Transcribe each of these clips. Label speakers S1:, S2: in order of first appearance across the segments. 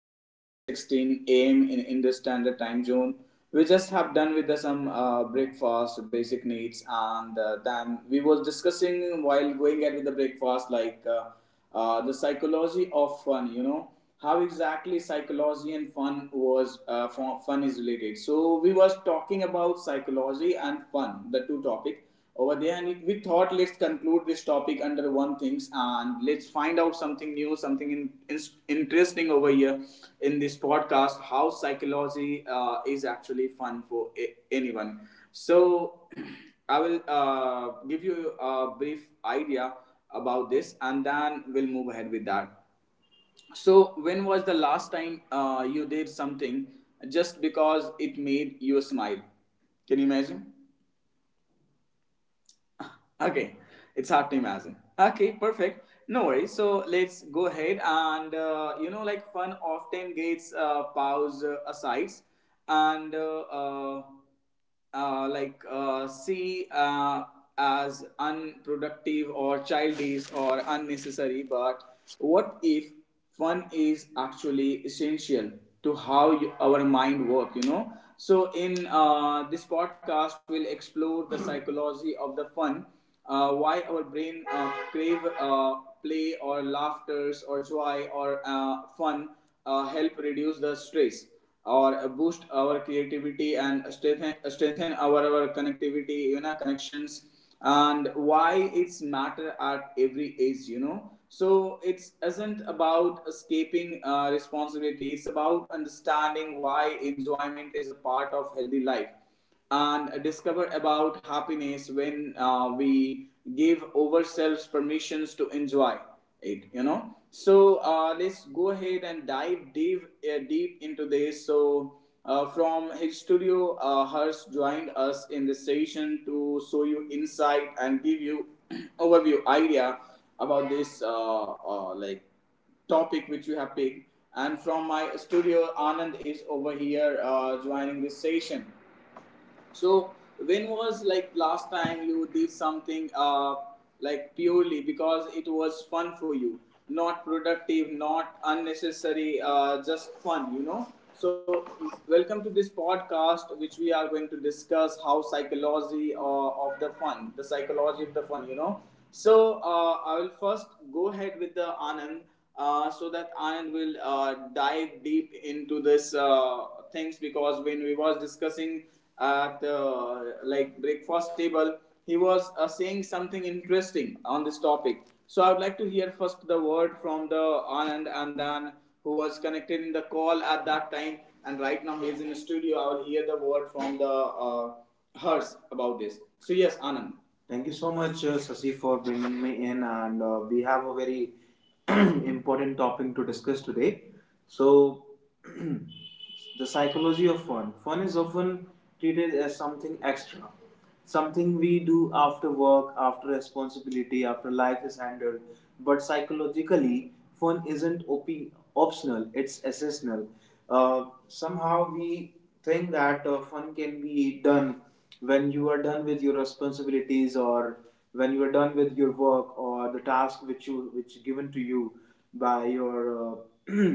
S1: 10:16 a.m. in Indus Standard Time Zone. We just have done with the some breakfast, basic needs, and then we was discussing while going at with the breakfast like the psychology of fun. You know, how exactly psychology and fun fun is related. So we was talking about psychology and fun, the two topic over there, and we thought, let's conclude this topic under one things and let's find out something new, something interesting over here in this podcast. How psychology is actually fun for anyone. So I will give you a brief idea about this, and then we'll move ahead with that. So, when was the last time you did something just because it made you smile? Can you imagine? Okay, it's hard to imagine. Okay, perfect. No worries. So let's go ahead and, like, fun often gets pause aside, and like, see, as unproductive or childish or unnecessary. But what if fun is actually essential to how you, our mind work. So in this podcast we'll explore the psychology of the fun, why our brain crave, play or laughters or joy or fun, help reduce the stress or boost our creativity and strengthen our connectivity, connections, and why it's matter at every age. So it is isn't about escaping responsibility, it's about understanding why enjoyment is a part of healthy life, and discover about happiness when we give ourselves permissions to enjoy it. So let's go ahead and dive deep into this. So from his studio, Harsh joined us in this session to show you insight and give you overview idea about this like, topic which you have picked, and from my studio Anand is over here, joining this session. So when was, like, last time you did something, like, purely because it was fun for you, not productive, not unnecessary, just fun, you know? So welcome to this podcast, which we are going to discuss how psychology of the fun, the psychology of the fun. So I will first go ahead with the Anand, so that Anand will dive deep into this things, because when we was discussing at, like, breakfast table, he was saying something interesting on this topic. So I would like to hear first the word from the Anand, and then, who was connected in the call at that time and right now he is in the studio. I will hear the word from the hers about this. So yes, Anand. Thank you so much, Sasi, for bringing me in, and we have a very important topic to discuss today. So, the psychology of fun. Fun is often treated as something extra, something we do after work, after responsibility, after life is handled. But psychologically, fun isn't optional, it's essential. Somehow, we think that fun can be done when you are done with your responsibilities, or when you are done with your work, or the task which is given to you by your uh,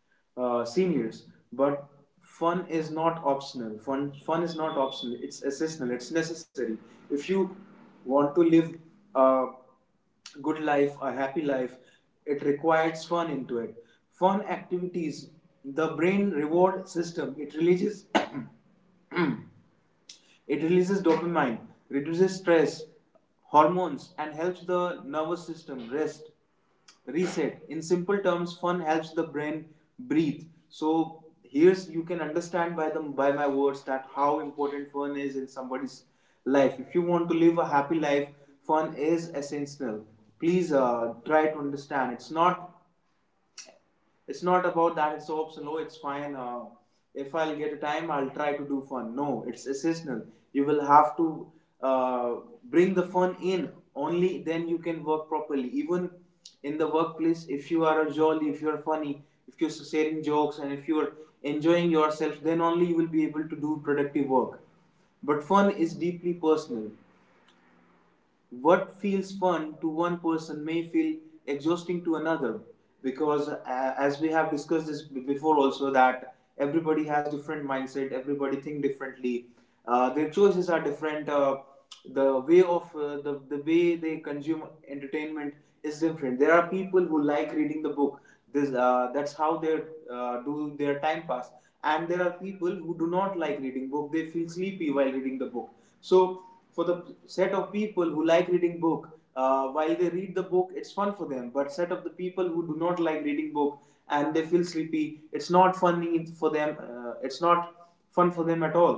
S1: seniors. But fun is not optional. Fun is not optional. It's essential, it's necessary. If you want to live a good life, a happy life, it requires fun into it, fun activities. The brain reward system, it releases It releases dopamine, reduces stress hormones, and helps the nervous system rest, reset. In simple terms, fun helps the brain breathe. So here's you can understand by my words that how important fun is in somebody's life. If you want to live a happy life, fun is essential. Please try to understand. It's not about that it's so slow, it's fine. If I'll get a time, I'll try to do fun. No, it's seasonal. You will have to uh, bring the fun in. Only then you can work properly. Even in the workplace, if you are a jolly, if you are funny, if you're sharing jokes, and if you are enjoying yourself, then only you will be able to do productive work. But fun is deeply personal. What feels fun to one person may feel exhausting to another, because, as we have discussed this before, also, that everybody has different mindset, everybody think differently, their choices are different. The way of the way they consume entertainment is different. There are people who like reading the book, this that's how they do their time pass, and there are people who do not like reading book, they feel sleepy while reading the book. So for the set of people who like reading book, while they read the book, it's fun for them, but set of the people who do not like reading book and they feel sleepy, it's not funny for them, it's not fun for them at all.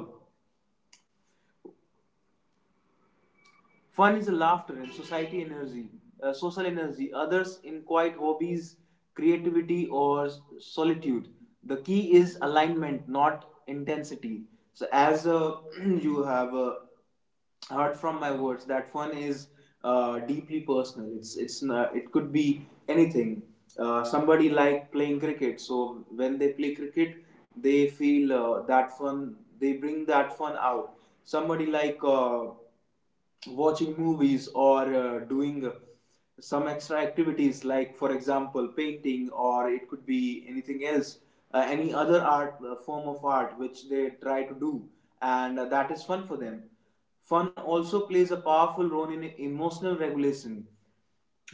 S1: Fun is a laughter and social energy, others in quiet hobbies, creativity, or solitude. The key is alignment, not intensity. So, as you have heard from my words that fun is deeply personal, it's not, it could be anything. Somebody like playing cricket, so when they play cricket they feel that fun, they bring that fun out. Somebody like watching movies, or doing some extra activities, like for example painting, or it could be anything else, any other art form of art which they try to do, and that is fun for them. Fun also plays a powerful role in emotional regulation.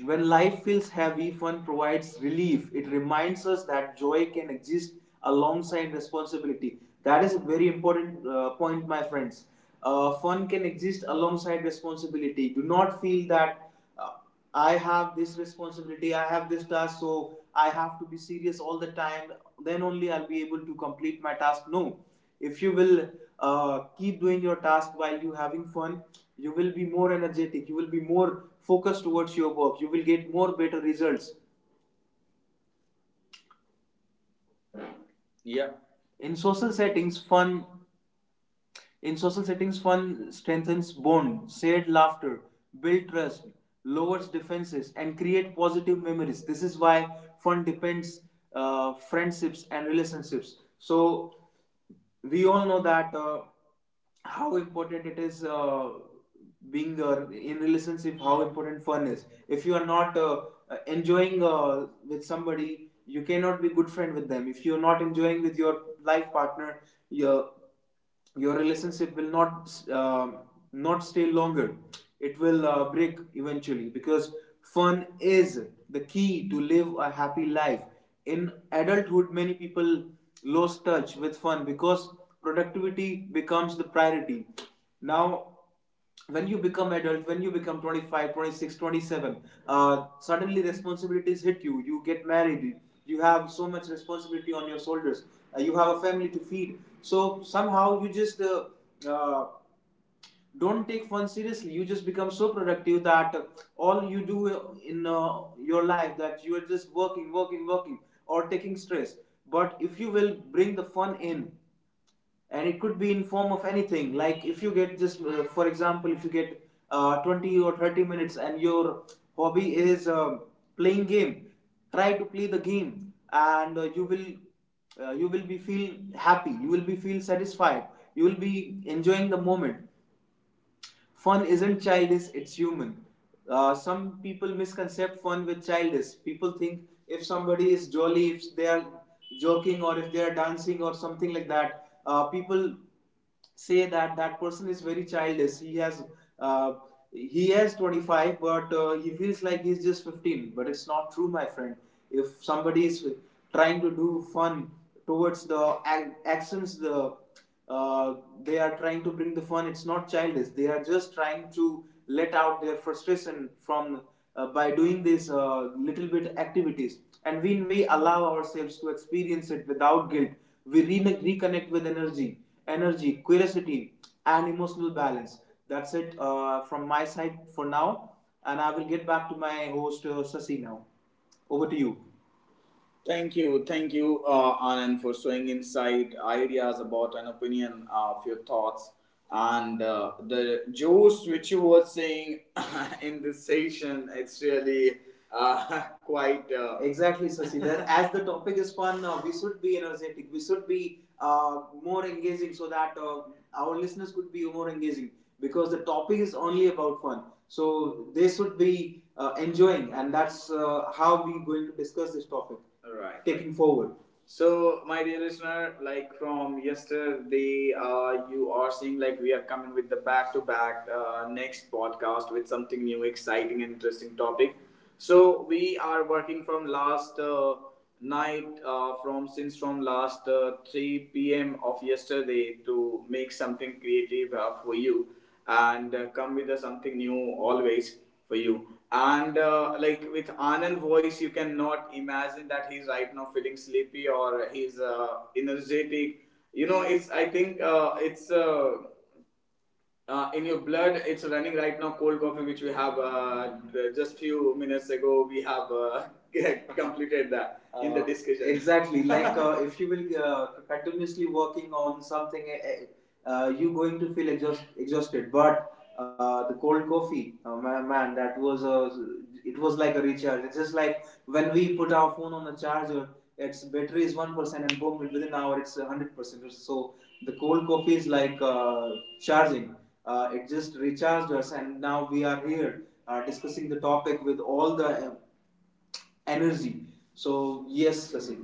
S1: When life feels heavy, fun provides relief. It reminds us that joy can exist alongside responsibility. That is a very important point, my friends. Fun can exist alongside responsibility. Do not feel that, uh, I have this responsibility, I have this task, so I have to be serious all the time. Then only I'll be able to complete my task. No, if you will keep doing your task while you having fun, you will be more energetic, you will be more focused towards your work, you will get more better results. Yeah. In social settings fun In social settings, fun strengthens bond, shared laughter, build trust, lowers defenses, and create positive memories. This is why fun depends, friendships and relationships. So we all know that, how important it is, being, in relationship, how important fun is. If you are not, enjoying, with somebody, you cannot be good friend with them. If you are not enjoying with your life partner, your your relationship will not, uh, not stay longer. It will break eventually, because fun is the key to live a happy life. In adulthood many people lose touch with fun because productivity becomes the priority. Now when you become adult, when you become 25, 26, 27, 26 27, suddenly responsibilities hit you. You get married, you have so much responsibility on your shoulders. You have a family to feed, so somehow you just, uh, don't take fun seriously, you just become so productive that all you do in, your life, that you are just working, working, working, or taking stress. But if you will bring the fun in, and it could be in form of anything, like if you get just, for example, if you get 20 or 30 minutes, and your hobby is playing game, try to play the game, and you will, you will be feel happy, you will be feel satisfied, you will be enjoying the moment. Fun isn't childish, it's human. Some people misconcept fun with childish. People think if somebody is jolly, if they are joking, or if they are dancing or something like that, people say that that person is very childish. Uh, he has 25, but he feels like he's just 15. But it's not true, my friend. If somebody is trying to do fun towards the actions, uh, they are trying to bring the fun. It's not childish. They are just trying to let out their frustration from, by doing these little bit activities. And when we allow ourselves to experience it without guilt, we reconnect with energy, curiosity, and emotional balance. That's it, from my side for now. And I will get back to my host, Sasi, now. Over to you. Thank you, thank you, Anand, for showing insight, ideas about an opinion of your thoughts. And the juice which you were saying in this session, it's really quite. Exactly, Sasi. That as the topic is fun, we should be energetic. We should be more engaging so that our listeners could be more engaging because the topic is only about fun. So they should be enjoying, and that's how we're going to discuss this topic. Right, taking forward. So, my dear listener, like from yesterday, you are seeing like we are coming with the back to back next podcast with something new, exciting, and interesting topic. So, we are working from last night, from last 3 p.m. of yesterday to make something creative for you and come with something new always for you. And like with Anand voice, you cannot imagine that he's right now feeling sleepy or he's energetic. You know, it's I think it's. In your blood it's running right now cold coffee which we have just few minutes ago we have completed that in the discussion. Exactly. Like if you will continuously working on something, you going to feel exhausted. But the cold coffee, man, it was like a recharge. It's just like when we put our phone on the charger, its battery is 1%, and boom, within an hour it's 100%. So the cold coffee is like charging. It just recharged us, and now we are here discussing the topic with all the energy. So yes, Sasi.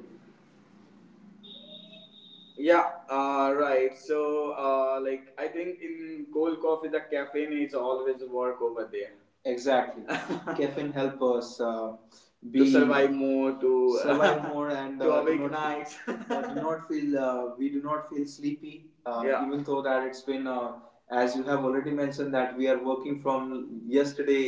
S1: Yeah, right. So, like, I think in cold coffee, the caffeine is always work over there. Exactly. Caffeine help us be to survive more, to survive more and to awake do not, nights. Do not feel we do not feel sleepy. Yeah. Even though that it's been as you have already mentioned that we are working from yesterday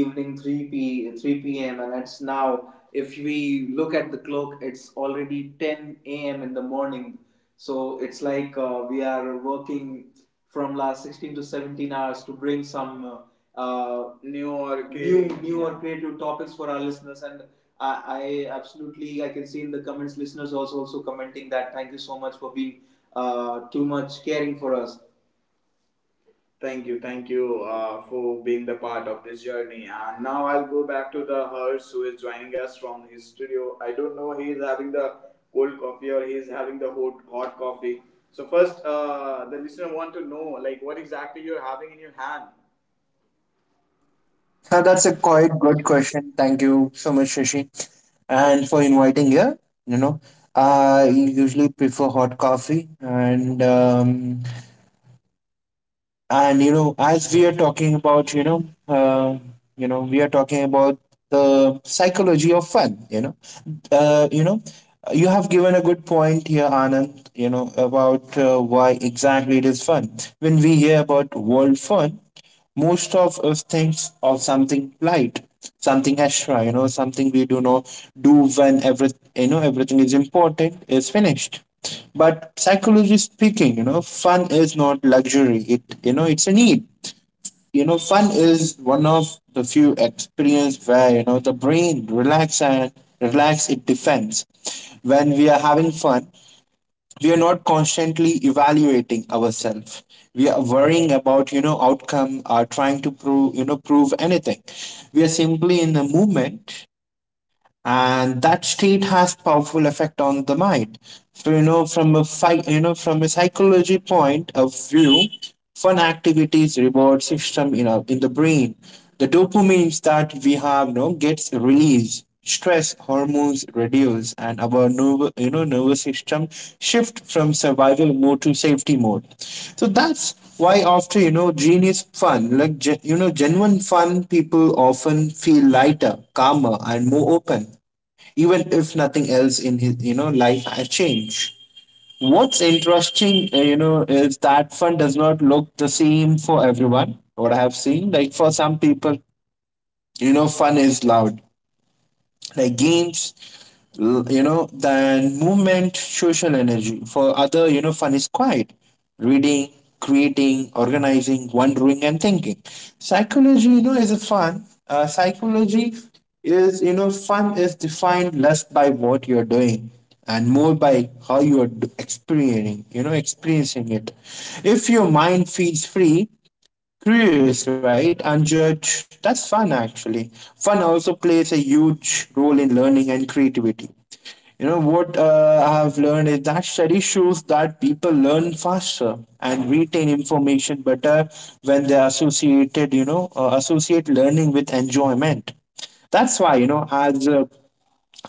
S1: evening 3 p.m. and it's now if we look at the clock it's already 10 a.m. in the morning. So it's like we are working from last 16 to 17 hours to bring some new or new or creative topics for our listeners and I, I absolutely I can see in the comments listeners also commenting that thank you so much for being too much caring for us. Thank you for being the part of this journey. And now I'll go back to the Hers who is joining us from his studio. I don't know he is having the cold coffee or he is having the hot coffee. So first, the listener want to know like what exactly you're having in your hand.
S2: That's a quite good question. Thank you so much, Shashi, and for inviting here. You know, I usually prefer hot coffee, and as we are talking about, we are talking about the psychology of fun. Uh, you know, you have given a good point here, Anand. About why exactly it is fun. When we hear about world fun, most of us thinks of something light, something extra, something we do not do when everything is important is finished. But psychology speaking, fun is not luxury. It it's a need. Fun is one of the few experience where, the brain relax, it defends. When we are having fun, we are not constantly evaluating ourselves. We are worrying about, outcome, are trying to prove, prove anything. We are simply in the moment, and that state has powerful effect on the mind. So, from a from a psychology point of view, fun activities reward system in our, in the brain. The dopamines that we have, gets released, stress hormones reduce, and our nerve you know nervous system shift from survival mode to safety mode. So that's why after, genius fun, like genuine fun, people often feel lighter, calmer and more open, even if nothing else in his, life has changed. What's interesting, is that fun does not look the same for everyone. What I have seen, like for some people, fun is loud, like games, than movement, social energy. For other, fun is quiet: reading, creating, organizing, wondering and thinking. Psychology, is a fun. Psychology is, fun is defined less by what you're doing and more by how you're experiencing, experiencing it. If your mind feels free, curious, right? And judge. That's fun, actually. Fun also plays a huge role in learning and creativity. You know what I have learned, is that study shows that people learn faster and retain information better when they are associated, associate learning with enjoyment. That's why, as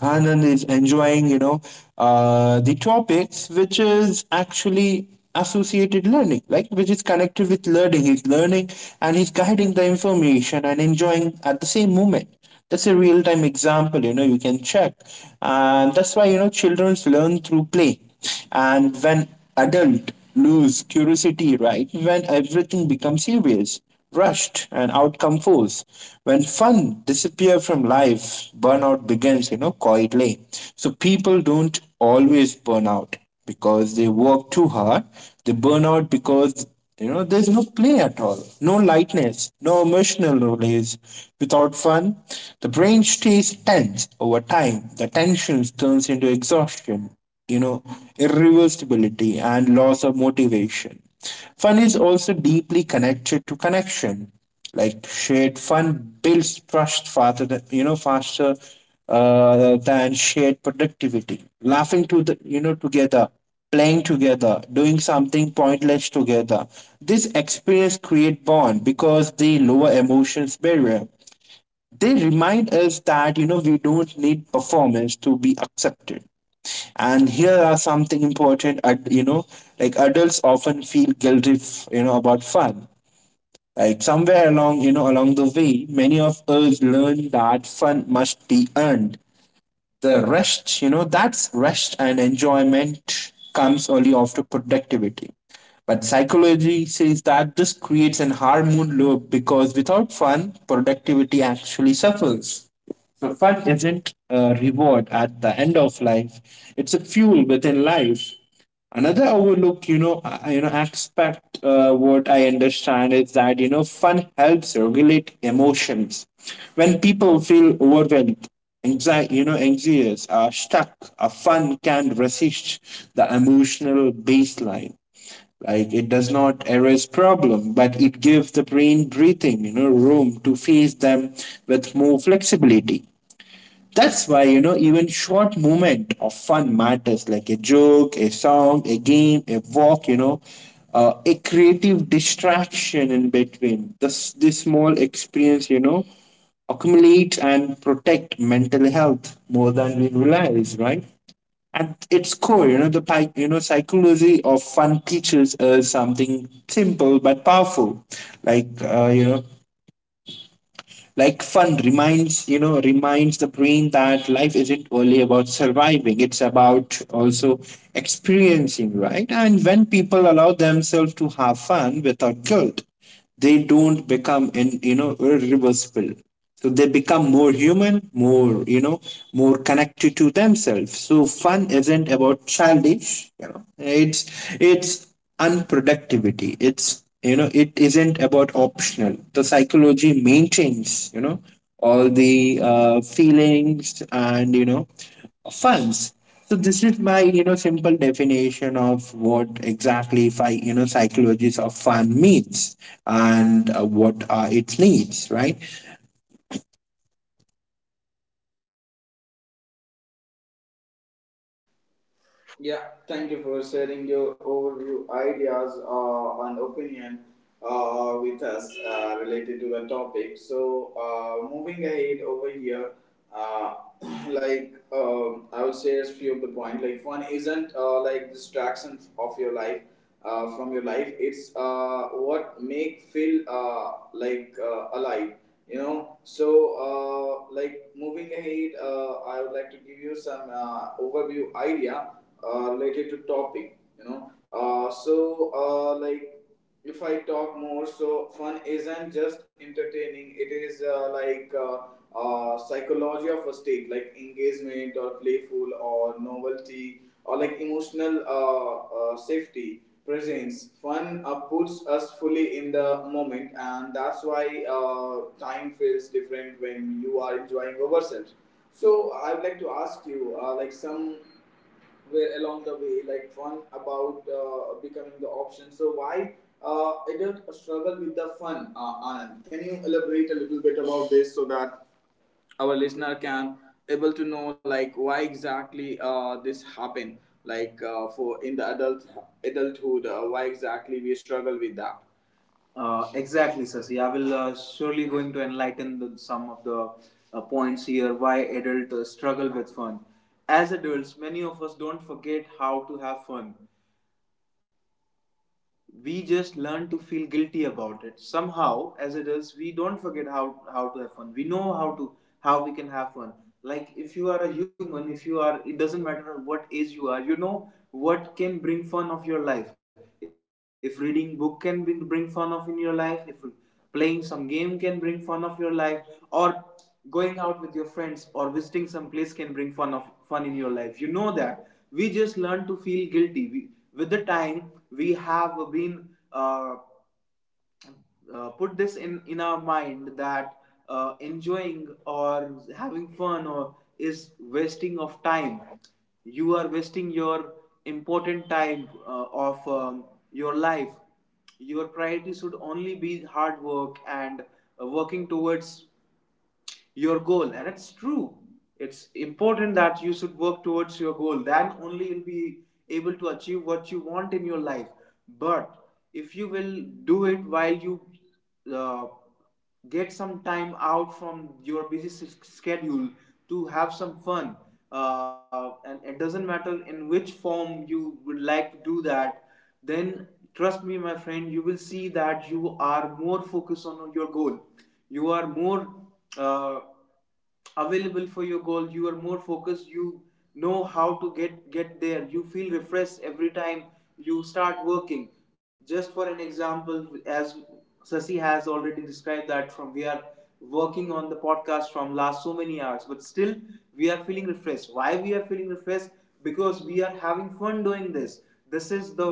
S2: Anand is enjoying, the topics which is actually associated learning, like which is connected with learning. He's learning and he's guiding the information and enjoying at the same moment. That's a real time example, you can check. And that's why, children learn through play. And when adult lose curiosity, right, when everything becomes serious, rushed and outcome fools. When fun disappears from life, burnout begins, quietly. So people don't always burn out because they work too hard. They burn out because, there's no play at all, no lightness, no emotional release. Without fun, the brain stays tense. Over time, the tension turns into exhaustion, you know, irreversibility and loss of motivation. Fun is also deeply connected to connection. Like shared fun builds trust faster, than, faster than shared productivity. Laughing to the, together, playing together, doing something pointless together. This experience create bond because they lower emotions barrier. They remind us that, we don't need performance to be accepted. And here are something important at, like adults often feel guilty about fun. Like somewhere along, along the way, many of us learn that fun must be earned. The rest, that's rest and enjoyment comes only after productivity. But psychology says that this creates an harmful loop, because without fun, productivity actually suffers. So fun isn't a reward at the end of life; it's a fuel within life. Another overlook, aspect. What I understand is that, fun helps regulate emotions. When people feel overwhelmed, anxiety, anxious, are stuck, a fun can resist the emotional baseline. Like it does not erase problem, but it gives the brain breathing, room to face them with more flexibility. That's why, even short moment of fun matters, like a joke, a song, a game, a walk, a creative distraction in between. This small experience, accumulate and protect mental health more than we realize, right? At its core, the psychology of fun teaches us something simple but powerful, like, like fun reminds you know reminds the brain that life isn't only about surviving, it's about also experiencing, right? And when people allow themselves to have fun without guilt, they don't become in, irreversible. So they become more human, more, more connected to themselves. So fun isn't about childish, it's unproductivity. It's, it isn't about optional. The psychology maintains, all the feelings and, funds. So this is my, simple definition of what exactly psychologies of fun means, and what are its needs, right?
S1: Yeah, thank you for sharing your overview ideas and opinion with us related to the topic. So, moving ahead over here, uh, like I will share a few of the point. Like one isn't like distraction of your life from your life. It's what make feel like alive, you know. So like moving ahead I would like to give you some overview idea related to topic, you know. So like if I talk more, so fun isn't just entertaining, it is like psychology of a state like engagement or playful or novelty or like emotional safety presence. Fun puts us fully in the moment, and that's why time feels different when you are enjoying ourselves. So I would like to ask you, like some where along the way, like fun about becoming the option. So why adult struggle with the fun, Anand? Can you elaborate a little bit about this so that our listener can able to know like why exactly this happened like for in the adulthood why exactly we struggle with that. Exactly, Sasi. I will surely going to enlighten the, some of the points here why adults struggle with fun. As adults, many of us don't forget how to have fun, we just learn to feel guilty about it somehow. As adults we don't forget how to have fun, we know how to how we can have fun. Like if you are a human, if you are, it doesn't matter what age you are, you know what can bring fun of your life. If reading book can bring fun of in your life, if playing some game can bring fun of your life, or going out with your friends or visiting some place can bring fun of fun in your life. You know that we just learn to feel guilty. With the time we have been put this in our mind that enjoying or having fun or is wasting of time, you are wasting your important time of your life. Your priority should only be hard work and working towards your goal, and it's true, it's important that you should work towards your goal, then only you'll be able to achieve what you want in your life. But if you will do it while you uh, get some time out from your busy schedule to have some fun, and it doesn't matter in which form you would like to do that, then trust me my friend, you will see that you are more focused on your goal, you are more uh, available for your goal, you are more focused, you know how to get there, you feel refreshed every time you start working. Just for an example, as sasi has already described that from we are working on the podcast from last so many hours, but still we are feeling refreshed. Why we are feeling refreshed? Because we are having fun doing this. This is the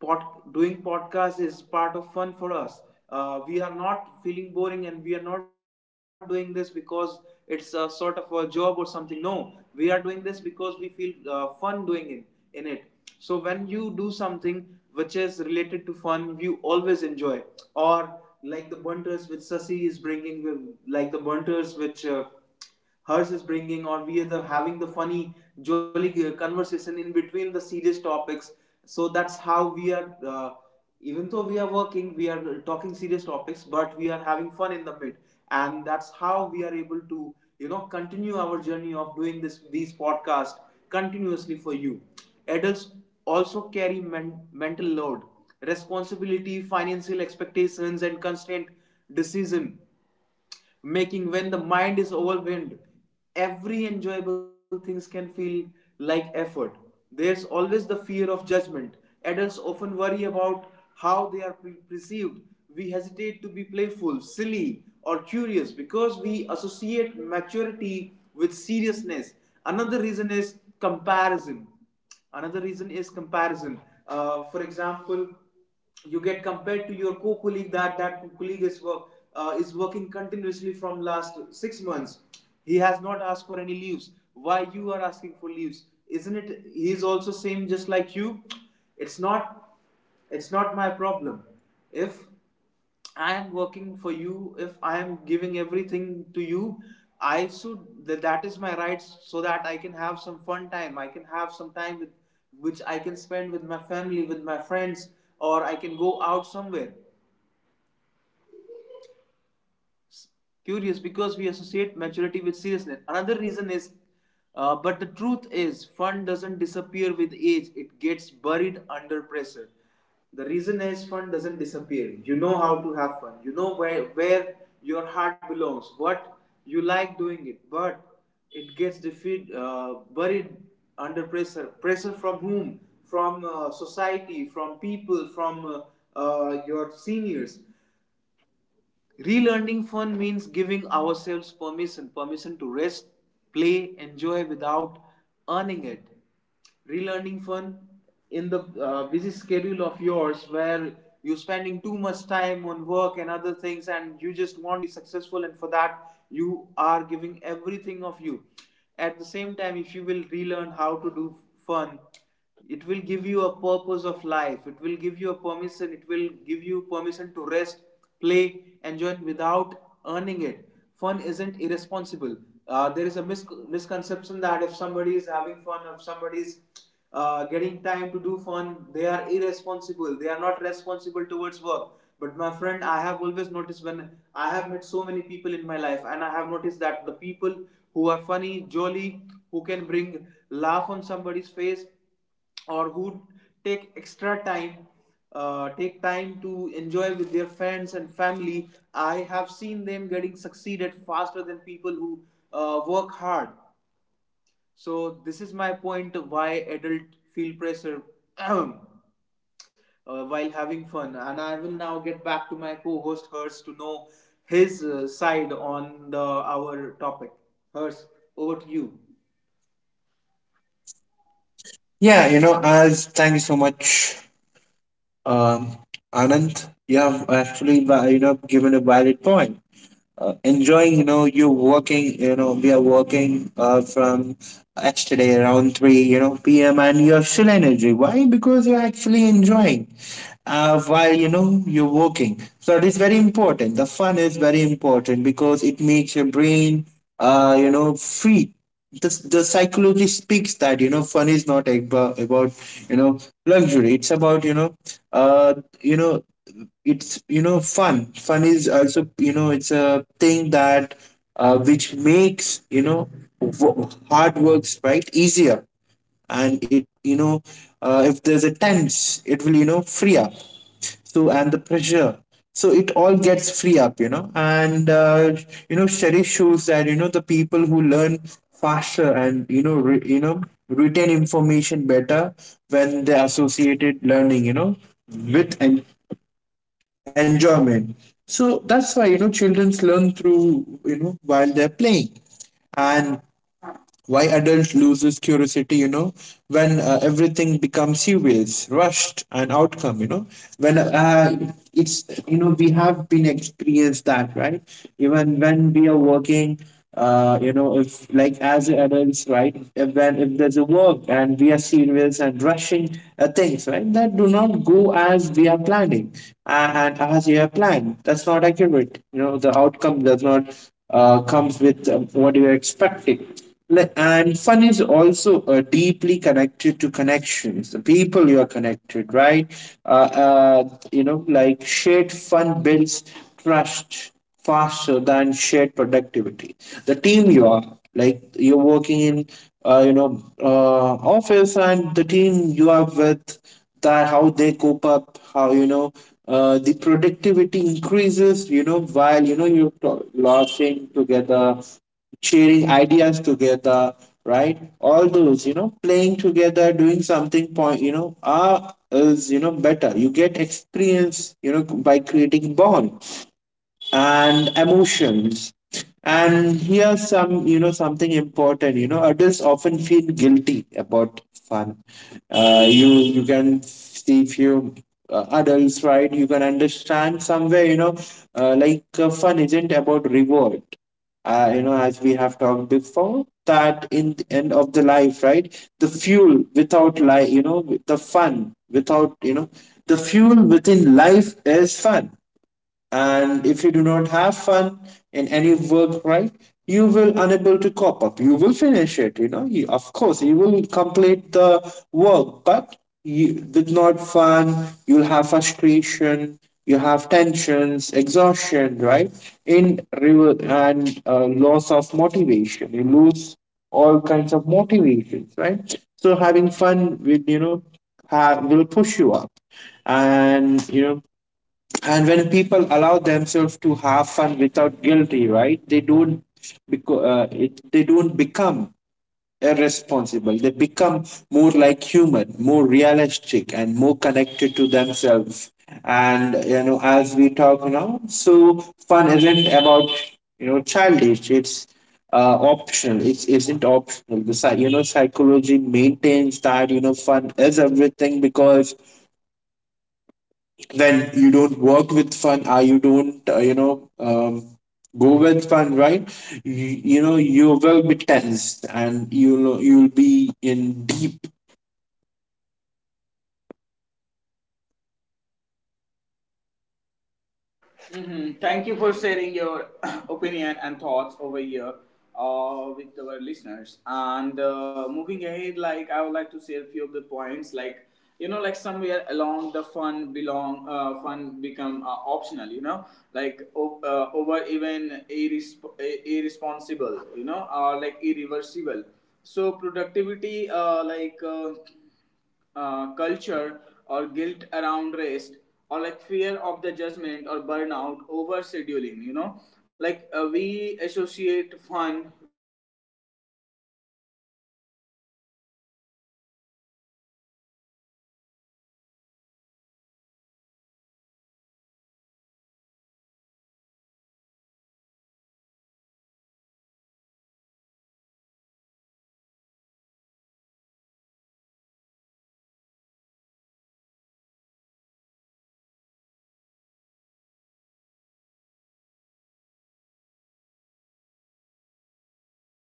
S1: pod, doing podcast is part of fun for us. We are not feeling boring and we are not doing this because it's a sort of a job or something. No, we are doing this because we feel fun doing it in it. So when you do something which is related to fun, you always enjoy. Or like the bunters which Sasi is bringing, with- like the bunters which. Hers is bringing, or we are the, having the funny jolly conversation in between the serious topics. So that's how we are even though we are working, we are talking serious topics, but we are having fun in the mid, and that's how we are able to, you know, continue our journey of doing this these podcasts continuously for you. Adults also carry mental load, responsibility, financial expectations, and constant decision making. When the mind is overwhelmed, every enjoyable things can feel like effort. There's always the fear of judgment. Adults often worry about how they are perceived. We hesitate to be playful, silly, or curious because we associate maturity with seriousness. Another reason is comparison. Another reason comparison. For example, you get compared to your co-colleague that colleague is is working continuously from last 6 months. He has not asked for any leaves. Why you are asking for leaves? Isn't it? He is also same just like you. It's not. It's not my problem. If I am working for you, if I am giving everything to you, I should that, that is my rights so that I can have some fun time. I can have some time with which I can spend with my family, with my friends, or I can go out somewhere. Curious because we associate maturity with seriousness. Another reason is, but the truth is, fun doesn't disappear with age, it gets buried under pressure. The reason is, fun doesn't disappear. You know how to have fun, you know where your heart belongs, what you like doing it, but it gets buried under pressure. Pressure from whom? From society, from people, from your seniors. Relearning fun means giving ourselves permission, permission to rest, play, enjoy without earning it. Relearning fun in the busy schedule of yours where you're spending too much time on work and other things, and you just want be successful, and for that you are giving everything of you. At the same time, if you will relearn how to do fun, it will give you a purpose of life. It will give you a permission. It will give you permission to rest, play, enjoy without earning it. Fun isn't irresponsible. There is a misconception that if somebody is having fun, if somebody is getting time to do fun, they are irresponsible, they are not responsible towards work. But my friend, I have always noticed, when I have met so many people in my life, and I have noticed that the people who are funny, jolly, who can bring laugh on somebody's face, or who take extra time, take time to enjoy with their friends and family, I have seen them getting succeeded faster than people who work hard. So this is my point why adult feel pressure while having fun. And I will now get back to my co-host Hers to know his side on the our topic. Hers, over to you.
S2: Yeah, as, thank you so much. Um anand you have actually, given a valid point. Enjoying, you working, we are working from yesterday around 3, p.m., and you're still energy, why? Because you're actually enjoying, while, you're working. So it is very important, the fun is very important because it makes your brain, free. The psychology speaks that, fun is not about, you know luxury. It's about, uh you know it's, fun is also, it's a thing that, which makes, hard works right easier. And it, if there's a tense, it will, free up. So, and the pressure, so it all gets free up, and, study shows that, the people who learn faster and, retain information better when they associated learning, with enjoyment. So that's why, children learn through, while they're playing, and why adult loses curiosity, when everything becomes serious, rushed and outcome, when it's, we have been experienced that, right? Even when we are working, if, like as adults, right, if, when, if there's a work and we are serious and rushing things, right, that do not go as we are planning, and as you have planned, that's not accurate. The outcome does not comes with what you're expecting. And fun is also deeply connected to connections, the people you are connected, right? Like shared fun builds trust faster than shared productivity. The team you are, like you're working in, office, and the team you are with, that how they cope up, how, the productivity increases. You know, while, you're laughing together, sharing ideas together, right, all those, playing together, doing something point, are, is, better, you get experience, by creating bond and emotions. And here's some, something important, adults often feel guilty about fun. You, you can see few adults, right, you can understand somewhere, like fun isn't about reward. As we have talked before, that in the end of the life, right? The fuel without life, the fun without, the fuel within life is fun. And if you do not have fun in any work, right, you will unable to cop up. You will finish it, of course you will complete the work, but you with not fun, you'll have frustration. You have tensions, exhaustion, right, in river and loss of motivation. You lose all kinds of motivations, right. So having fun will, will push you up. And and when people allow themselves to have fun without guilty, right, they don't they don't become irresponsible. They become more like human, more realistic, and more connected to themselves. And as we talk now, so fun isn't about, childish. It's optional. It isn't optional. The psychology maintains that, fun is everything, because then you don't work with fun, or you don't go with fun, right. you, you know you will be tense, and you'll be in deep.
S1: Thank you for sharing your opinion and thoughts over here with our listeners. And moving ahead, like I would like to share a few of the points. Like you know, like somewhere along the fun belong, fun become optional. You know, like over even irresponsible. You know, or like irreversible. So productivity, like. Culture or guilt around rest or like fear of the judgment or burnout over scheduling, you know, like we associate fun with childhood, but adult needs it just as much, you know. So moving ahead, I would like to know few of the insight, few of the opinions of my uh, for the listeners, uh, from Anand, that what exactly his opinion. Actually, we are facing some technical problem. Is that am I audible to you? Hers, hers, am I audible to you?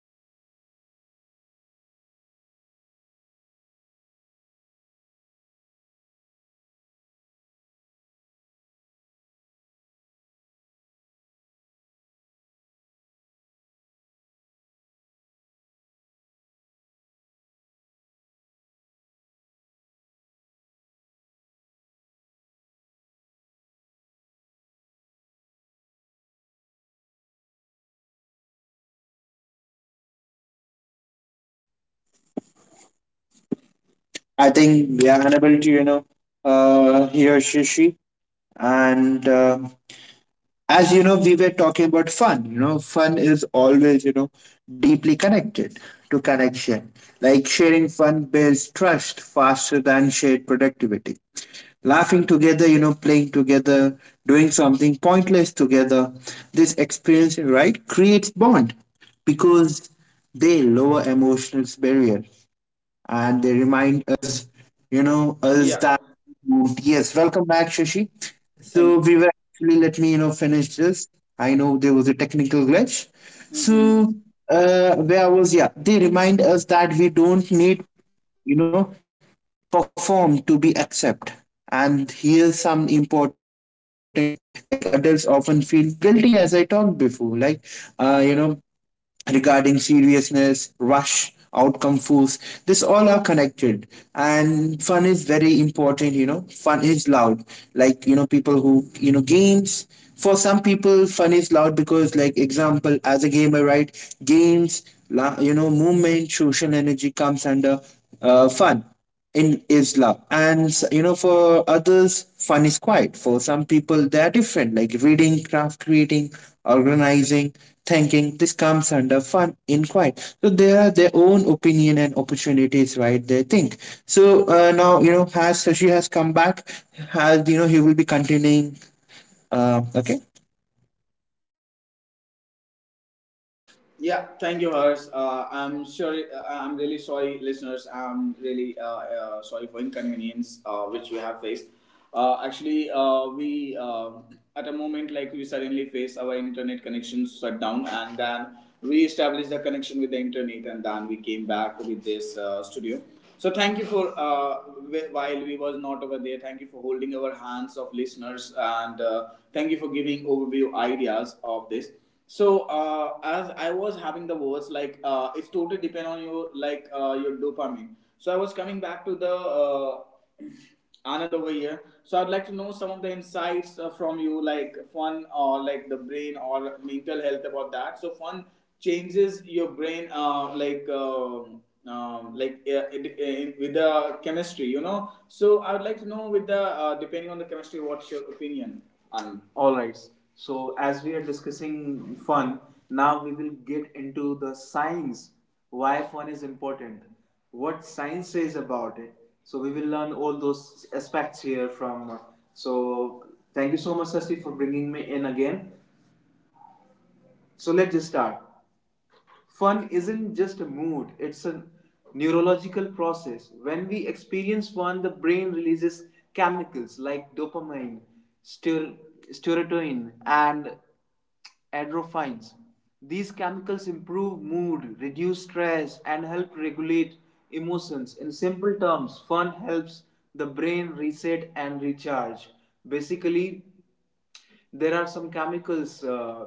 S2: I think they are unable to, he or she and as you know, we were talking about fun. Fun is always, deeply connected to connection, like sharing fun builds trust faster than shared productivity. Laughing together, playing together, doing something pointless together. This experience, right, creates bond because they lower emotional barrier, and they remind us, you know, us
S1: Yeah,
S2: that yes, welcome back, Shashi. So
S1: thank
S2: we
S1: you.
S2: were actually, let me finish this. I know there was a technical glitch.
S1: Mm-hmm.
S2: So where I was, yeah, they remind us that we don't need, you know perform to be accept. And here's some important, like adults often feel guilty, as I talked before, like, uh, you know regarding seriousness, rush, outcome force. This all are connected. And fun is very important, you know. Fun is loud. Like, you know, people who, you know, games. For some people, fun is loud because, like, example, as a gamer, right? Games, movement, social energy comes under fun in is love. And for others, fun is quiet. For some people, they are different, like reading, craft, creating, organizing, thinking. This comes under fun inquiry, so they are their own opinion and opportunities, right, they think. So now, you know, has Sashi has come back. Has, you know, he will be continuing. Okay.
S1: Yeah, thank you, Hers. I'm sure. I'm really sorry, listeners. I'm really sorry for inconvenience which we have faced. Actually, we at a moment, like we suddenly face our internet connection shut down, and then we established the connection with the internet, and then we came back with this studio. So thank you for while we was not over there. Thank you for holding our hands of listeners, and thank you for giving overview ideas of this. So as I was having the words, like it's totally depend on your, like your dopamine. So I was coming back to the Anand over here. So I'd like to know some of the insights from you, like fun or like the brain or mental health about that. So fun changes your brain, with the chemistry, you know. So I would like to know, with the depending on the chemistry, what's your opinion, Anand? All right. So as we are discussing fun, now we will get into the science why fun is important, what science says about it. So we will learn all those aspects here from. So thank you so much, Sasi, for bringing me in again. So let's just start. Fun isn't just a mood, it's a neurological process. When we experience fun, the brain releases chemicals like dopamine, ster- serotonin, and endorphins. These chemicals improve mood, reduce stress, and help regulate emotions. In simple terms, fun helps the brain reset and recharge. Basically, there are some chemicals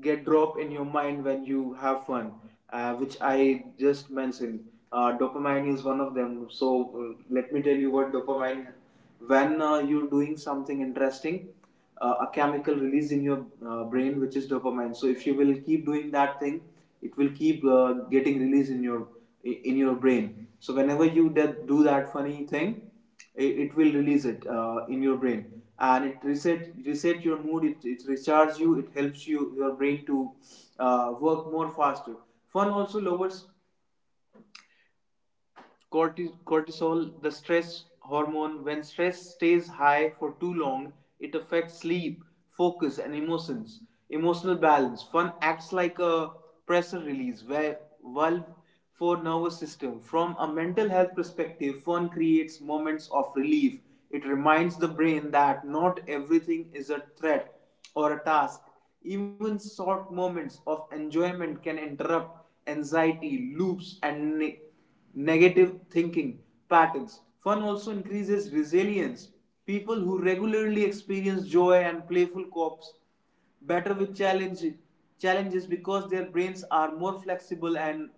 S1: get drop in your mind when you have fun, which I just mentioned. Dopamine is one of them. So uh, let me tell you what dopamine. When you're doing something interesting, a chemical release in your brain, which is dopamine. So if you will keep doing that thing, it will keep getting released in your, in your brain. So whenever you do that funny thing, it will release it in your brain. And it reset your mood. It recharges you, it helps you your brain to work more faster. Fun also lowers cortisol, the stress hormone. When stress stays high for too long, it affects sleep, focus, and emotions. Emotional balance. Fun acts like a pressure release valve for nervous system. From a mental health perspective, fun creates moments of relief. It reminds the brain that not everything is a threat or a task. Even short moments of enjoyment can interrupt anxiety, loops, and negative thinking patterns. Fun also increases resilience. People who regularly experience joy and playful copes better with challenges, because their brains are more flexible and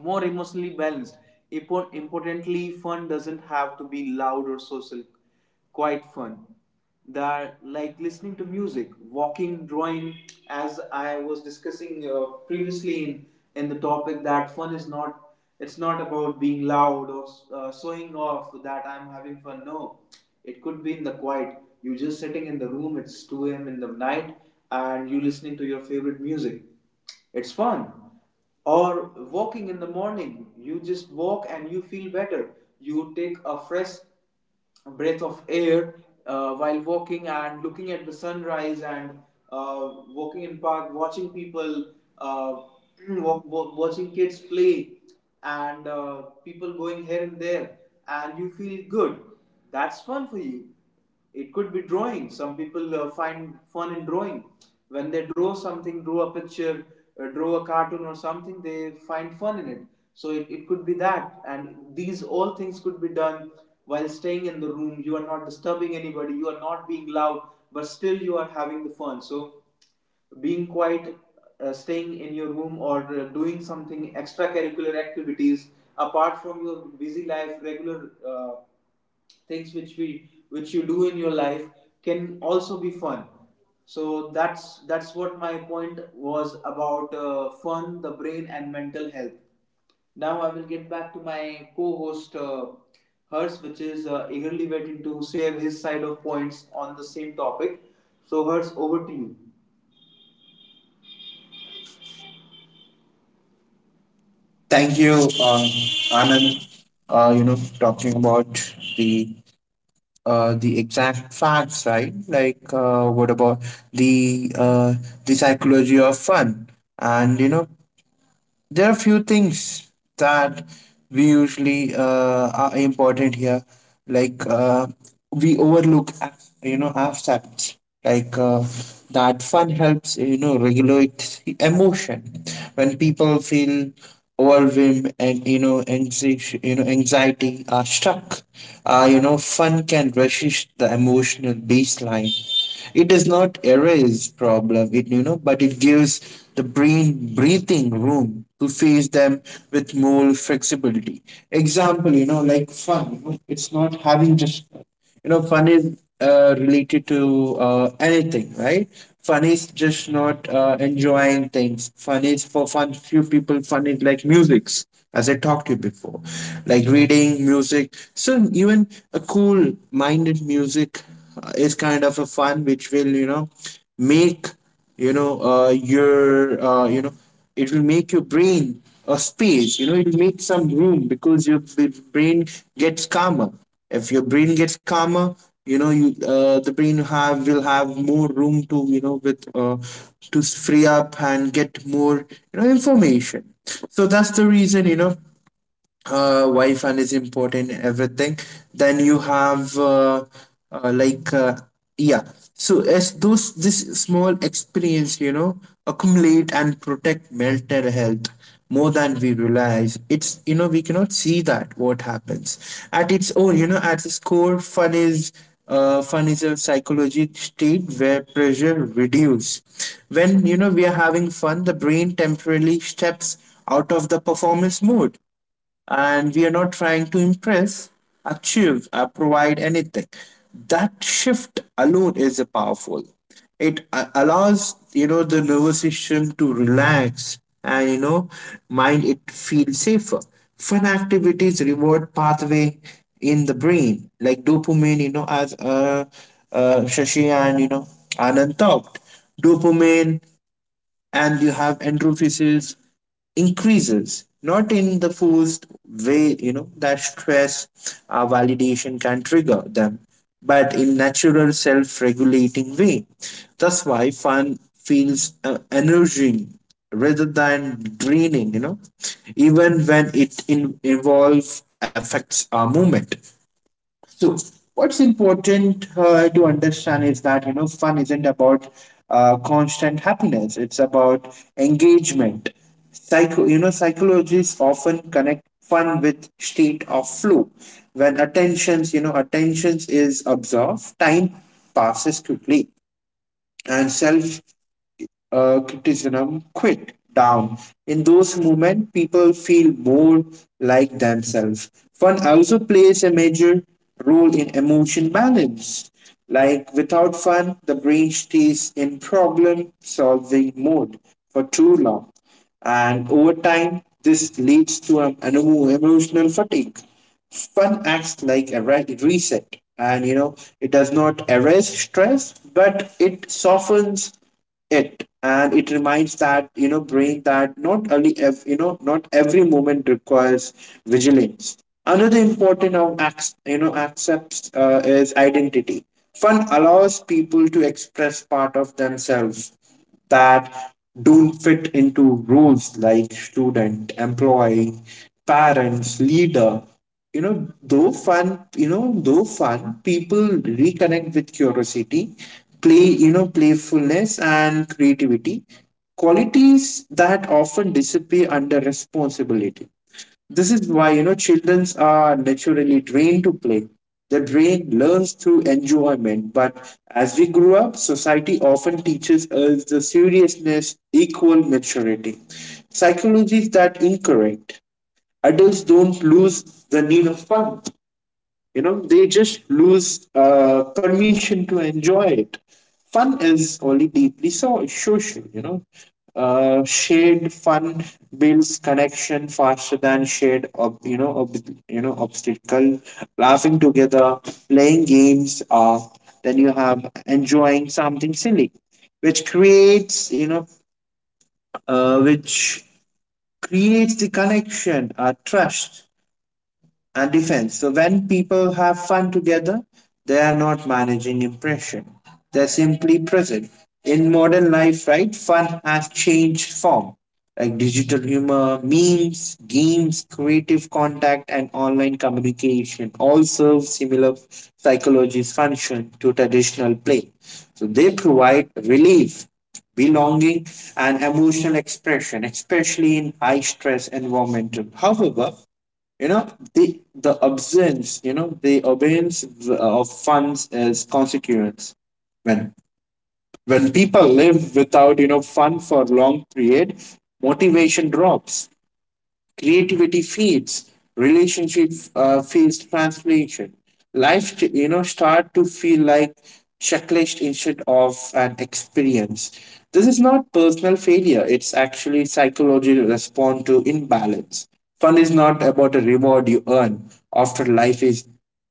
S1: more emotionally balanced. Importantly, fun doesn't have to be loud or social. Quite fun. They're like listening to music, walking, drawing, as I was discussing previously in the topic that fun is not, it's not about being loud or showing off that I'm having fun. No, it could be in the quiet. You're just sitting in the room. It's 2 a.m. in the night, and you listening to your favorite music. It's fun. Or walking in the morning, you just walk and you feel better. You take a fresh breath of air while walking and looking at the sunrise, and walking in park, watching people, uh, watching kids play, and people going here and there, and you feel good. That's fun for you. It could be drawing. Some people find fun in drawing. When they draw something, draw a picture, draw a cartoon or something, they find fun in it. So it could be that. And these all things could be done while staying in the room. You are not disturbing anybody, you are not being loud, but still you are having the fun. So being quiet, staying in your room, or doing something extracurricular activities apart from your busy life, regular things which we, which you do in your life can also be fun. So that's what my point was about fun, the brain and mental health. Now I will get back to my co-host Hers, which is eagerly waiting to share his side of points on the same topic. So Hers, over to you.
S2: Thank you. um, Anand, you know, talking about the exact facts, right, like what about the uh, the psychology of fun? And you know, there are few things that we usually are important here, like, we overlook, you know, aspects like, that fun helps, you know, regulate the emotion. When people feel overwhelmed and, you know, anxiety are stuck, you know, fun can resist the emotional baseline. It does not erase problem, but it gives the brain breathing room to face them with more flexibility. Example, you know, like fun. It's not having just, you know, fun is related to anything, right. Fun is just not enjoying things. Fun is for fun. Few people, fun is like musics, as I talked to you before, like reading music. So even a cool minded music is kind of a fun, which will, you know, make, you know, you know, it will make your brain a space, you know, it will make some room, because your brain gets calmer. If your brain gets calmer, you know you, the brain have, will have more room to, you know, with to free up and get more, you know, information. So that's the reason, you know, Wi-Fi is important in everything. Then you have uh, like uh, yeah. So as those this small experience, you know, accumulate and protect mental health more than we realize. It's, you know, we cannot see that what happens at its own. You know, at its core, fun is. Fun is a psychology state where pressure reduce. When, you know, we are having fun, the brain temporarily steps out of the performance mode, and we are not trying to impress, achieve, or provide anything. That shift alone is a powerful. It allows, you know, the nervous system to relax, and, you know, mind it feels safer. Fun activities reward pathway in the brain like dopamine. You know, as Shashi and, you know, Anand talked, dopamine and you have entrophysis increases, not in the forced way, you know, that stress validation can trigger them, but in natural self-regulating way. That's why fun feels energizing rather than draining, you know, even when it involves affects our movement. So what's important to understand is that, you know, fun isn't about constant happiness. It's about engagement. Psychologists often connect fun with state of flow. When attentions is absorbed, time passes quickly, and self criticism quit down. In those moments, people feel more like themselves. Fun also plays a major role in emotion balance. Like without fun, the brain stays in problem solving mode for too long. And over time, this leads to an emotional fatigue. Fun acts like a reset, and, you know, it does not erase stress, but it softens it, and it reminds that, you know, brain that not only not every moment requires vigilance. Another important of accepts is identity. Fun allows people to express part of themselves that don't fit into roles like student, employee, parents, leader. You know, though fun, people reconnect with curiosity, play, you know, playfulness, and creativity, qualities that often disappear under responsibility. This is why, you know, children are naturally trained to play. Their brain learns through enjoyment, but as we grow up, society often teaches us the seriousness equal maturity. Psychology is that incorrect. Adults don't lose the need of fun. You know, they just lose permission to enjoy it. Fun is only deeply social, you know. Shared fun builds connection faster than shared, obstacle. Laughing together, playing games, then you have enjoying something silly, which creates, you know, which creates the connection, trust, and defense. So when people have fun together, they are not managing impression. They're simply present. In modern life, right, fun has changed form. Like digital humor, memes, games, creative contact, and online communication all serve similar psychology's function to traditional play. So they provide relief, belonging, and emotional expression, especially in high stress environmental. However, you know, the absence, you know, the abeyance of funds as consequence. When, people live without, you know, fun for long period, motivation drops, creativity feeds, relationship feels transformation. Life you know start to feel like checklist instead of an experience. This is not personal failure. It's actually psychological response to imbalance. Fun is not about a reward you earn after life is,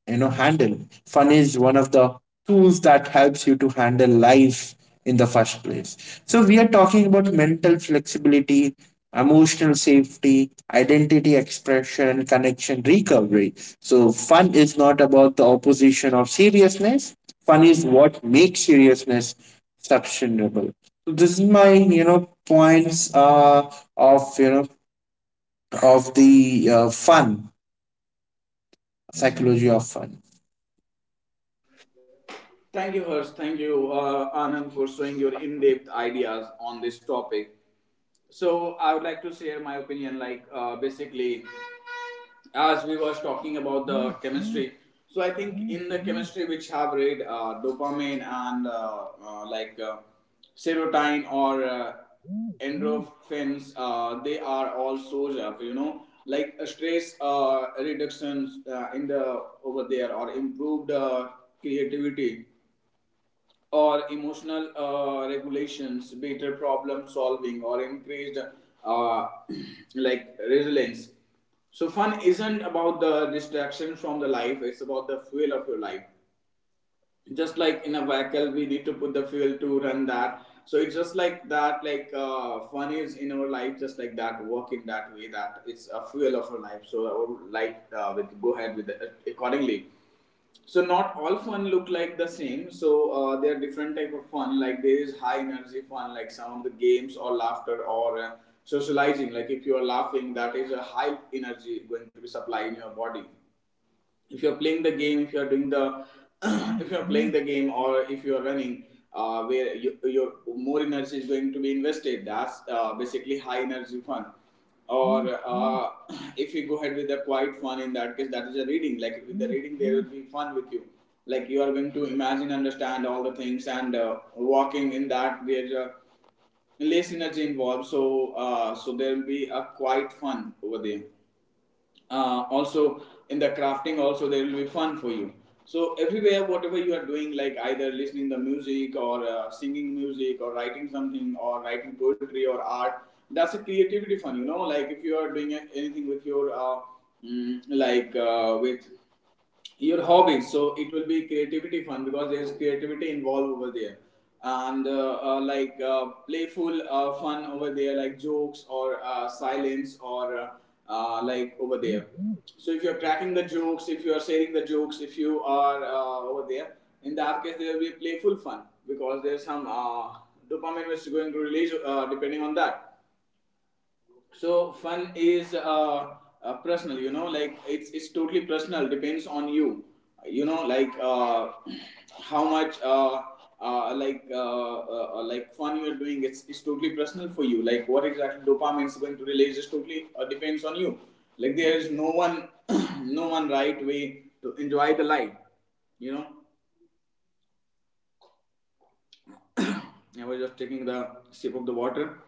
S2: you know, handle. Fun is one of the tools that helps you to handle life in the first place. So we are talking about mental flexibility, emotional safety, identity expression, connection, recovery. So fun is not about the opposition of seriousness. Fun is what makes seriousness sustainable. So this is my, you know, points of, you know, of the fun, psychology of fun.
S1: Thank you, Harsh. Thank you, Anand, for showing your in-depth ideas on this topic. So I would like to share my opinion. Like basically, as we was talking about the chemistry, so I think in the chemistry which have read, dopamine and serotonin or endorphins, they are all source of, you know, like stress reductions in the over there, or improved creativity or emotional regulations, better problem solving, or increased uh, like resilience. So fun isn't about the distraction from the life; it's about the fuel of your life. Just like in a vehicle, we need to put the fuel to run that. So it's just like that. Like fun is in our life, just like that. Work in that way that it's a fuel of our life. So our life will go ahead with it accordingly. So not all fun look like the same. So there are different type of fun. Like there is high energy fun, like some of the games or laughter or socializing. Like if you are laughing, that is a high energy going to be supplied in your body. If you're playing the game, if you're doing the if you're playing the game, or if you're running, where you, your more energy is going to be invested, that's basically high energy fun. Or uh, if you go ahead with the quiet fun, in that case, that is a reading. Like with the reading, there will be fun with you. Like you are going to imagine, understand all the things, and walking in that, there's less energy involved. So so there will be a quiet fun over there. Also, in the crafting also, there will be fun for you. So everywhere whatever you are doing, like either listening the music, or singing music, or writing something, or writing poetry, or art, that's a creativity fun, you know. Like if you are doing anything with your like with your hobbies, so it will be creativity fun, because there's creativity involved over there. And like playful fun over there, like jokes or silence or like over there. So if you're cracking the jokes, if you're sharing the jokes, if you are over there, in that case there will be playful fun, because there's some dopamine which is going to release depending on that. So fun is personal, you know. Like it's totally personal, depends on you, you know. Like how much uh, like uh, like fun you're doing, it's totally personal for you, like what exactly dopamine is going to release is totally depends on you. Like there is no one no one right way to enjoy the life. You know, I was just taking the sip of the water.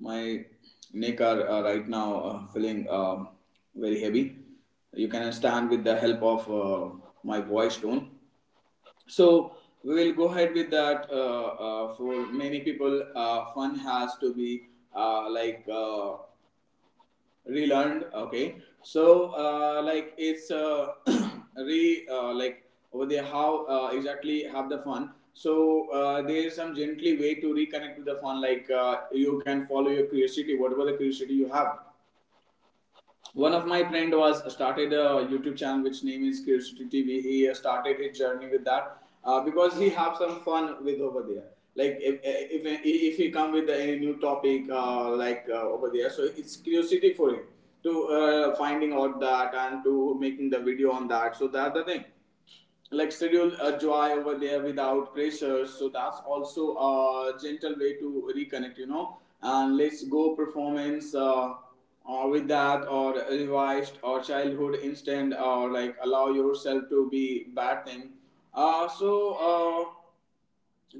S1: My neck are right now feeling very heavy. You can understand with the help of my voice tone. So we will go ahead with that. For many people, fun has to be uh, like. Uh, relearned. Okay, so like it's re like over there how exactly have the fun. So there is some gently way to reconnect to the fun. Like you can follow your curiosity, whatever the curiosity you have. One of my friend was started a YouTube channel which name is Curiosity TV. He started his journey with that, because he have some fun with over there. Like if if he come with any new topic over there, so it's curiosity for him to finding out that and to making the video on that. So that's the thing, like schedule a joy over there without pressure. So that's also a gentle way to reconnect, you know, and let's go performance or with that or revised or childhood instant or like allow yourself to be bad thing. uh, so uh,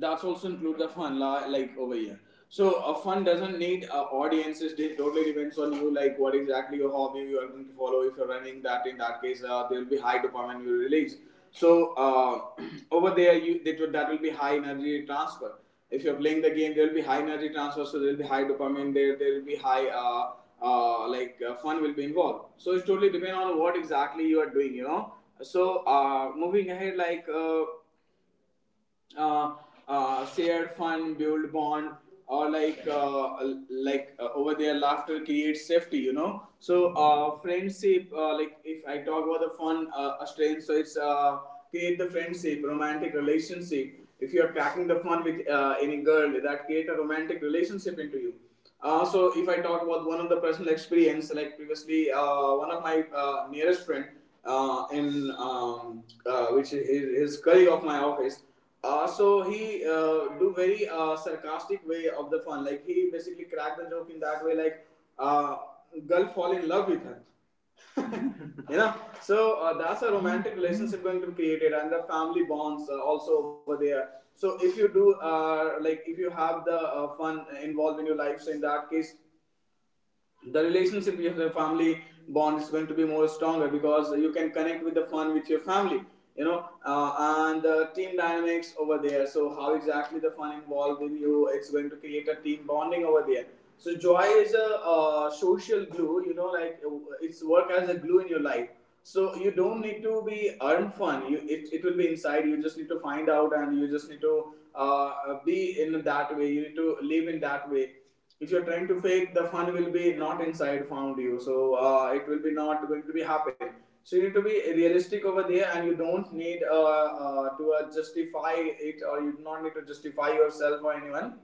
S1: that's also include the fun like over here. So a fun doesn't need audiences, it totally depends on you, like what exactly your hobby you are going to follow. If you're running that, in that case there will be high dopamine will release. So over there you that will be high energy transfer. If you're playing the game, there will be high energy transfer, so there will be high dopamine. There will be high fun will be involved. So it's totally depend on what exactly you are doing, you know. So moving ahead, uh, shared fun, build bond, or over there, laughter creates safety. You know, so friendship. Like if I talk about the fun strain. So it's create the friendship, romantic relationship. If you are cracking the fun with any girl, that create a romantic relationship into you. So if I talk about one of the personal experience, like previously, one of my nearest friend, in which is his colleague of my office, so he do very sarcastic way of the fun. Like he basically cracked the joke in that way. Like uh, girl fall in love with her. You know, so that's a romantic relationship going to be created, and the family bonds also over there. So if you do if you have the fun involved in your life, so in that case the relationship with your family bond is going to be more stronger, because you can connect with the fun with your family, you know. And the team dynamics over there, so how exactly the fun involved in you, it's going to create a team bonding over there. So joy is a social glue, you know, it's work as a glue in your life. So you don't need to be earn fun, you it will be inside you, just need to find out, and you just need to be in that way, you need to live in that way. If you're trying to fake the fun will be not inside found you, so it will be not going to be happen. So you need to be realistic over there, and you don't need to justify it, or you do not need to justify yourself or anyone.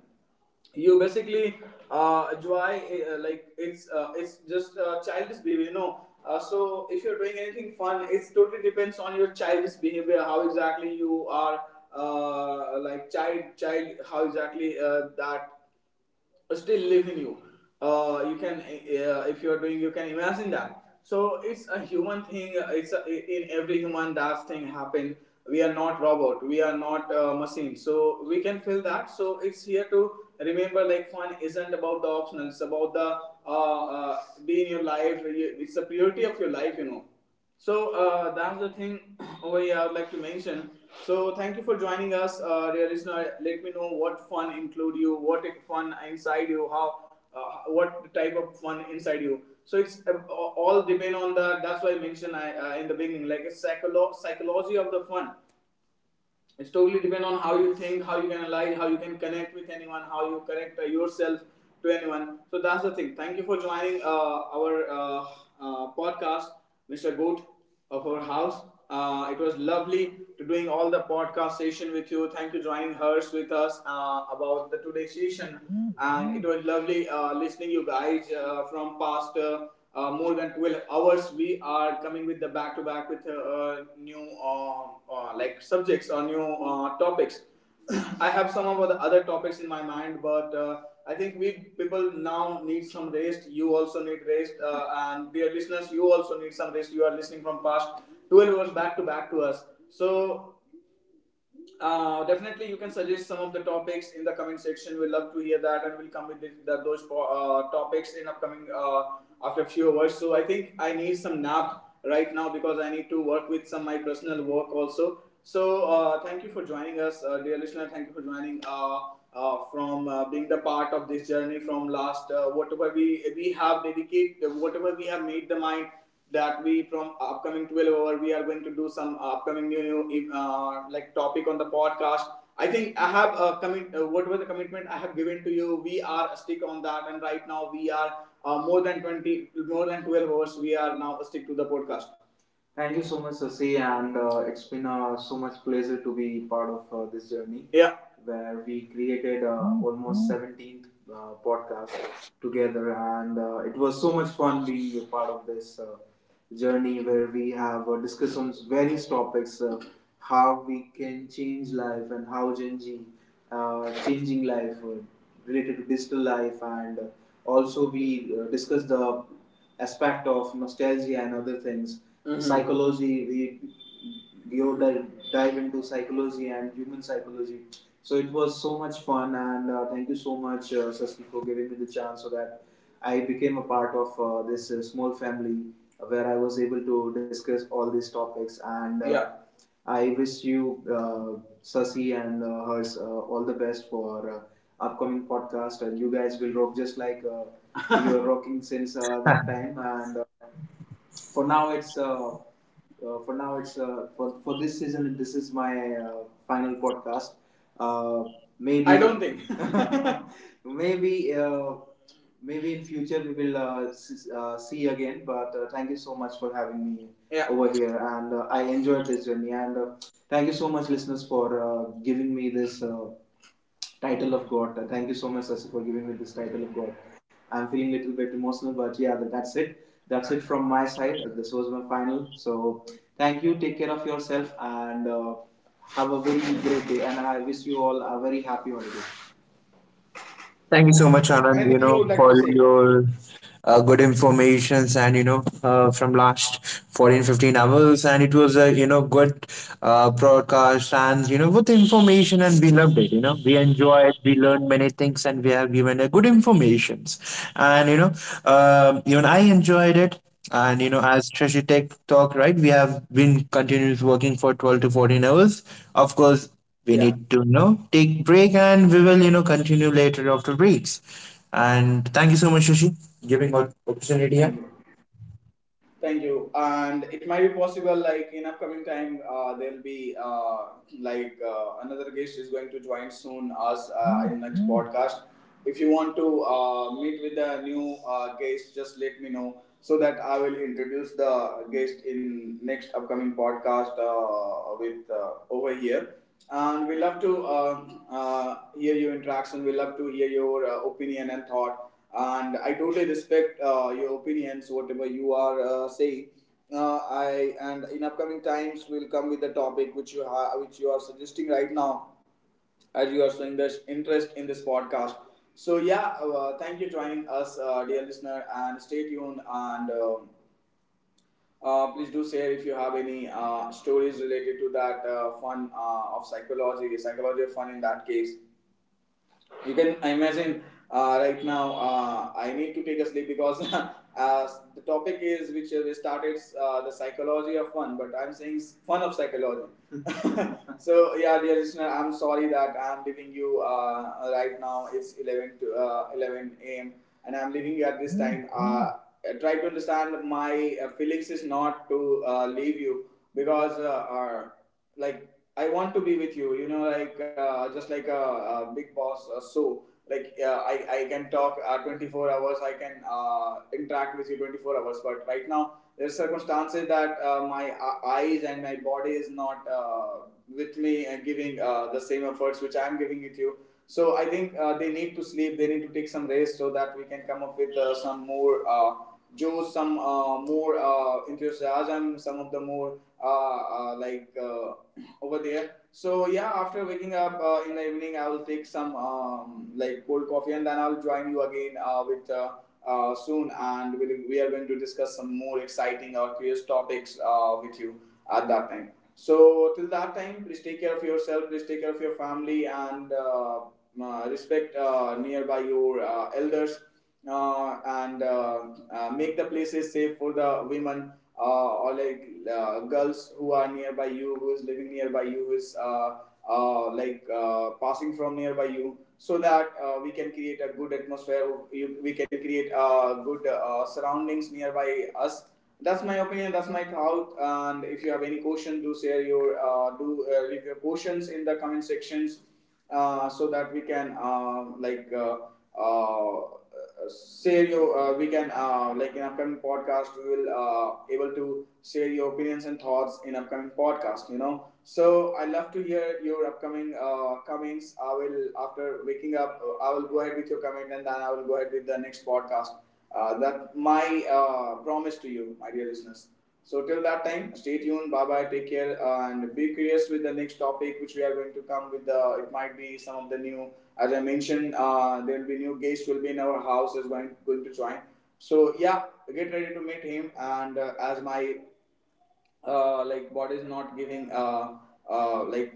S1: You basically enjoy. It's it's just childish behavior, you know. So if you're doing anything fun, it totally depends on your childish behavior, how exactly you are child, how exactly that still live in you. You can, if you are doing, you can imagine that. So it's a human thing. It's a, in every human that thing happen. We are not robot. We are not machine. So we can feel that. So it's here to remember. Like fun isn't about the optional, it's about the uh, uh, be in your life. It's the purity of your life. You know. So that's the thing over here I would like to mention. So thank you for joining us, dear listener. Let me know what fun include you, what fun inside you, how, uh, what type of fun inside you. So it's all depend on the. That's why I mentioned I, in the beginning, like a psychology of the fun. It's totally depend on how you think, how you can align, how you can connect with anyone, how you connect yourself to anyone. So that's the thing. Thank you for joining our podcast, Mr. Goat of our house. It was lovely to doing all the podcast session with you. Thank you joining hers with us about the today session. And it was lovely listening you guys from past more than 12 hours. We are coming with the back to back with new subjects or new topics. I have some of the other topics in my mind, but I think we people now need some rest. You also need rest, and dear listeners, you also need some rest. You are listening from past 12 hours back to back to us. So definitely you can suggest some of the topics in the comment section. We love to hear that, and we'll come with those topics in upcoming after a few hours. So I think I need some nap right now, because I need to work with some my personal work also. So thank you for joining us, dear listener. Thank you for joining from being the part of this journey from last, whatever we have dedicated, whatever we have made the mind, that we from upcoming 12 hour we are going to do some upcoming new topic on the podcast. I think I have a commit, what was the commitment I have given to you, we are stick on that. And right now we are more than 20, more than 12 hours, we are now stick to the podcast. Thank you so much, Sasi, and it's been so much pleasure to be part of this journey. Yeah. Where we created almost 17th podcast together, and it was so much fun being a part of this journey, where we have discussed on various topics, how we can change life, and how Gen Z changing life related to digital life, and also we discussed the aspect of nostalgia and other things. Mhm. Psychology, we would dive into psychology and human psychology. So it was so much fun, and thank you so much, Sasti, for giving me the chance, so that I became a part of this small family, where I was able to discuss all these topics. And yeah. I wish you, Sasi and hers, all the best for upcoming podcast. And you guys will rock just like you're rocking since that time. And for now, it's uh, for now, it's for this season. This is my final podcast. Uh, Maybe I don't think. maybe uh, maybe in future we will see again, but thank you so much for having me. Yeah. Over here, and I enjoyed this journey, and thank you so much listeners for giving me this title of god. Thank you so much, Sasi, for giving me this title of god. I'm feeling a little bit emotional, but yeah, that's it. That's it from my side. This was my final. So thank you. Take care of yourself, and have a very great day, and I wish you all a very happy holiday.
S2: Thank you so much, Anand, you
S1: Anything
S2: know,
S1: you would like
S2: for
S1: to say?
S2: your good informations, and, you know, from last 14, 15 hours. And it was a, you know, good broadcast, and, you know, with information, and we loved it, you know. We enjoyed, we learned many things, and we have given a good informations. And, you know, even I enjoyed it. And, you know, as Shashi Tech Talk, right, we have been continuous working for 12 to 14 hours. Of course, we
S1: Yeah.
S2: need to, you know, take break, and we will, you know, continue later after breaks. And thank you so much, Shashi, giving us opportunity here.
S1: Thank you. Thank you. And it might be possible, like in upcoming time, there'll be another guest is going to join soon us in next podcast. If you want to meet with the new guest, just let me know, so that I will introduce the guest in next upcoming podcast with over here. And we love to hear your interaction. We love to hear your opinion and thought. And I totally respect your opinions, whatever you are saying. I and in upcoming times we'll come with the topic which which you are suggesting right now, as you are showing this interest in this podcast. So yeah, thank you joining us, dear listener, and stay tuned. And Please do share if you have any stories related to that fun of psychology, psychology of fun. In that case you can imagine. Right now I need to take a sleep, because as the topic is which we started, the psychology of fun, but I'm saying fun of psychology. So yeah, dear listener, I'm sorry that I'm leaving you right now. It's 11 to 11 a.m., and I'm leaving you at this time. Try to understand my feelings is not to leave you, because like I want to be with you. You know, like, just like a big boss. I can talk 24 hours. I can interact with you 24 hours. But right now there's circumstances that my eyes and my body is not with me and giving the same efforts which I'm giving with you. So I think they need to sleep. They need to take some rest so that we can come up with some more. Joe, some more enthusiasm, some of the more over there. So yeah, after waking up in the evening, I will take some like cold coffee, and then I'll join you again with soon, and we are going to discuss some more exciting or curious topics with you at that time. So till that time, please take care of yourself, please take care of your family, and respect nearby your elders and make the places safe for the women, or like girls who are nearby you, who is living nearby you, who is passing from nearby you, so that we can create a good atmosphere. We can create good surroundings nearby us. That's my opinion. That's my thought. And if you have any question, do share your do leave your questions in the comment sections, so that we can share your, we can, like, in upcoming podcast we will able to share your opinions and thoughts in upcoming podcast, you know. So I love to hear your upcoming comments. I will, after waking up, I will go ahead with your comment, and then I will go ahead with the next podcast. That my promise to you, my dear listeners. So till that time, stay tuned. Bye bye. Take care, and be curious with the next topic, which we are going to come with. The It might be some of the new, as I mentioned, there will be new guests will be in our house is going to join. So yeah, get ready to meet him. And as my body is not giving like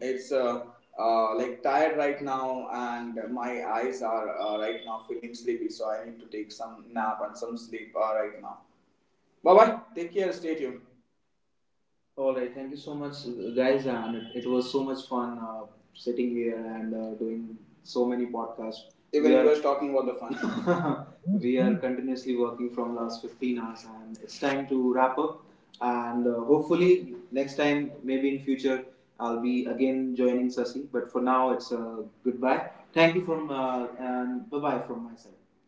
S1: it's like tired right now, and my eyes are right now feeling sleepy. So I need to take some nap and some sleep right now. Bye bye. Take care. Stay tuned. All right, thank you so much, guys, and it was so much fun sitting here and doing so many podcasts. Even we, he was talking about the fun. We are continuously working from last 15 hours, and it's time to wrap up. And hopefully, next time, maybe in future, I'll be again joining Sasi. But for now, it's a goodbye. Thank you from and bye bye from my side.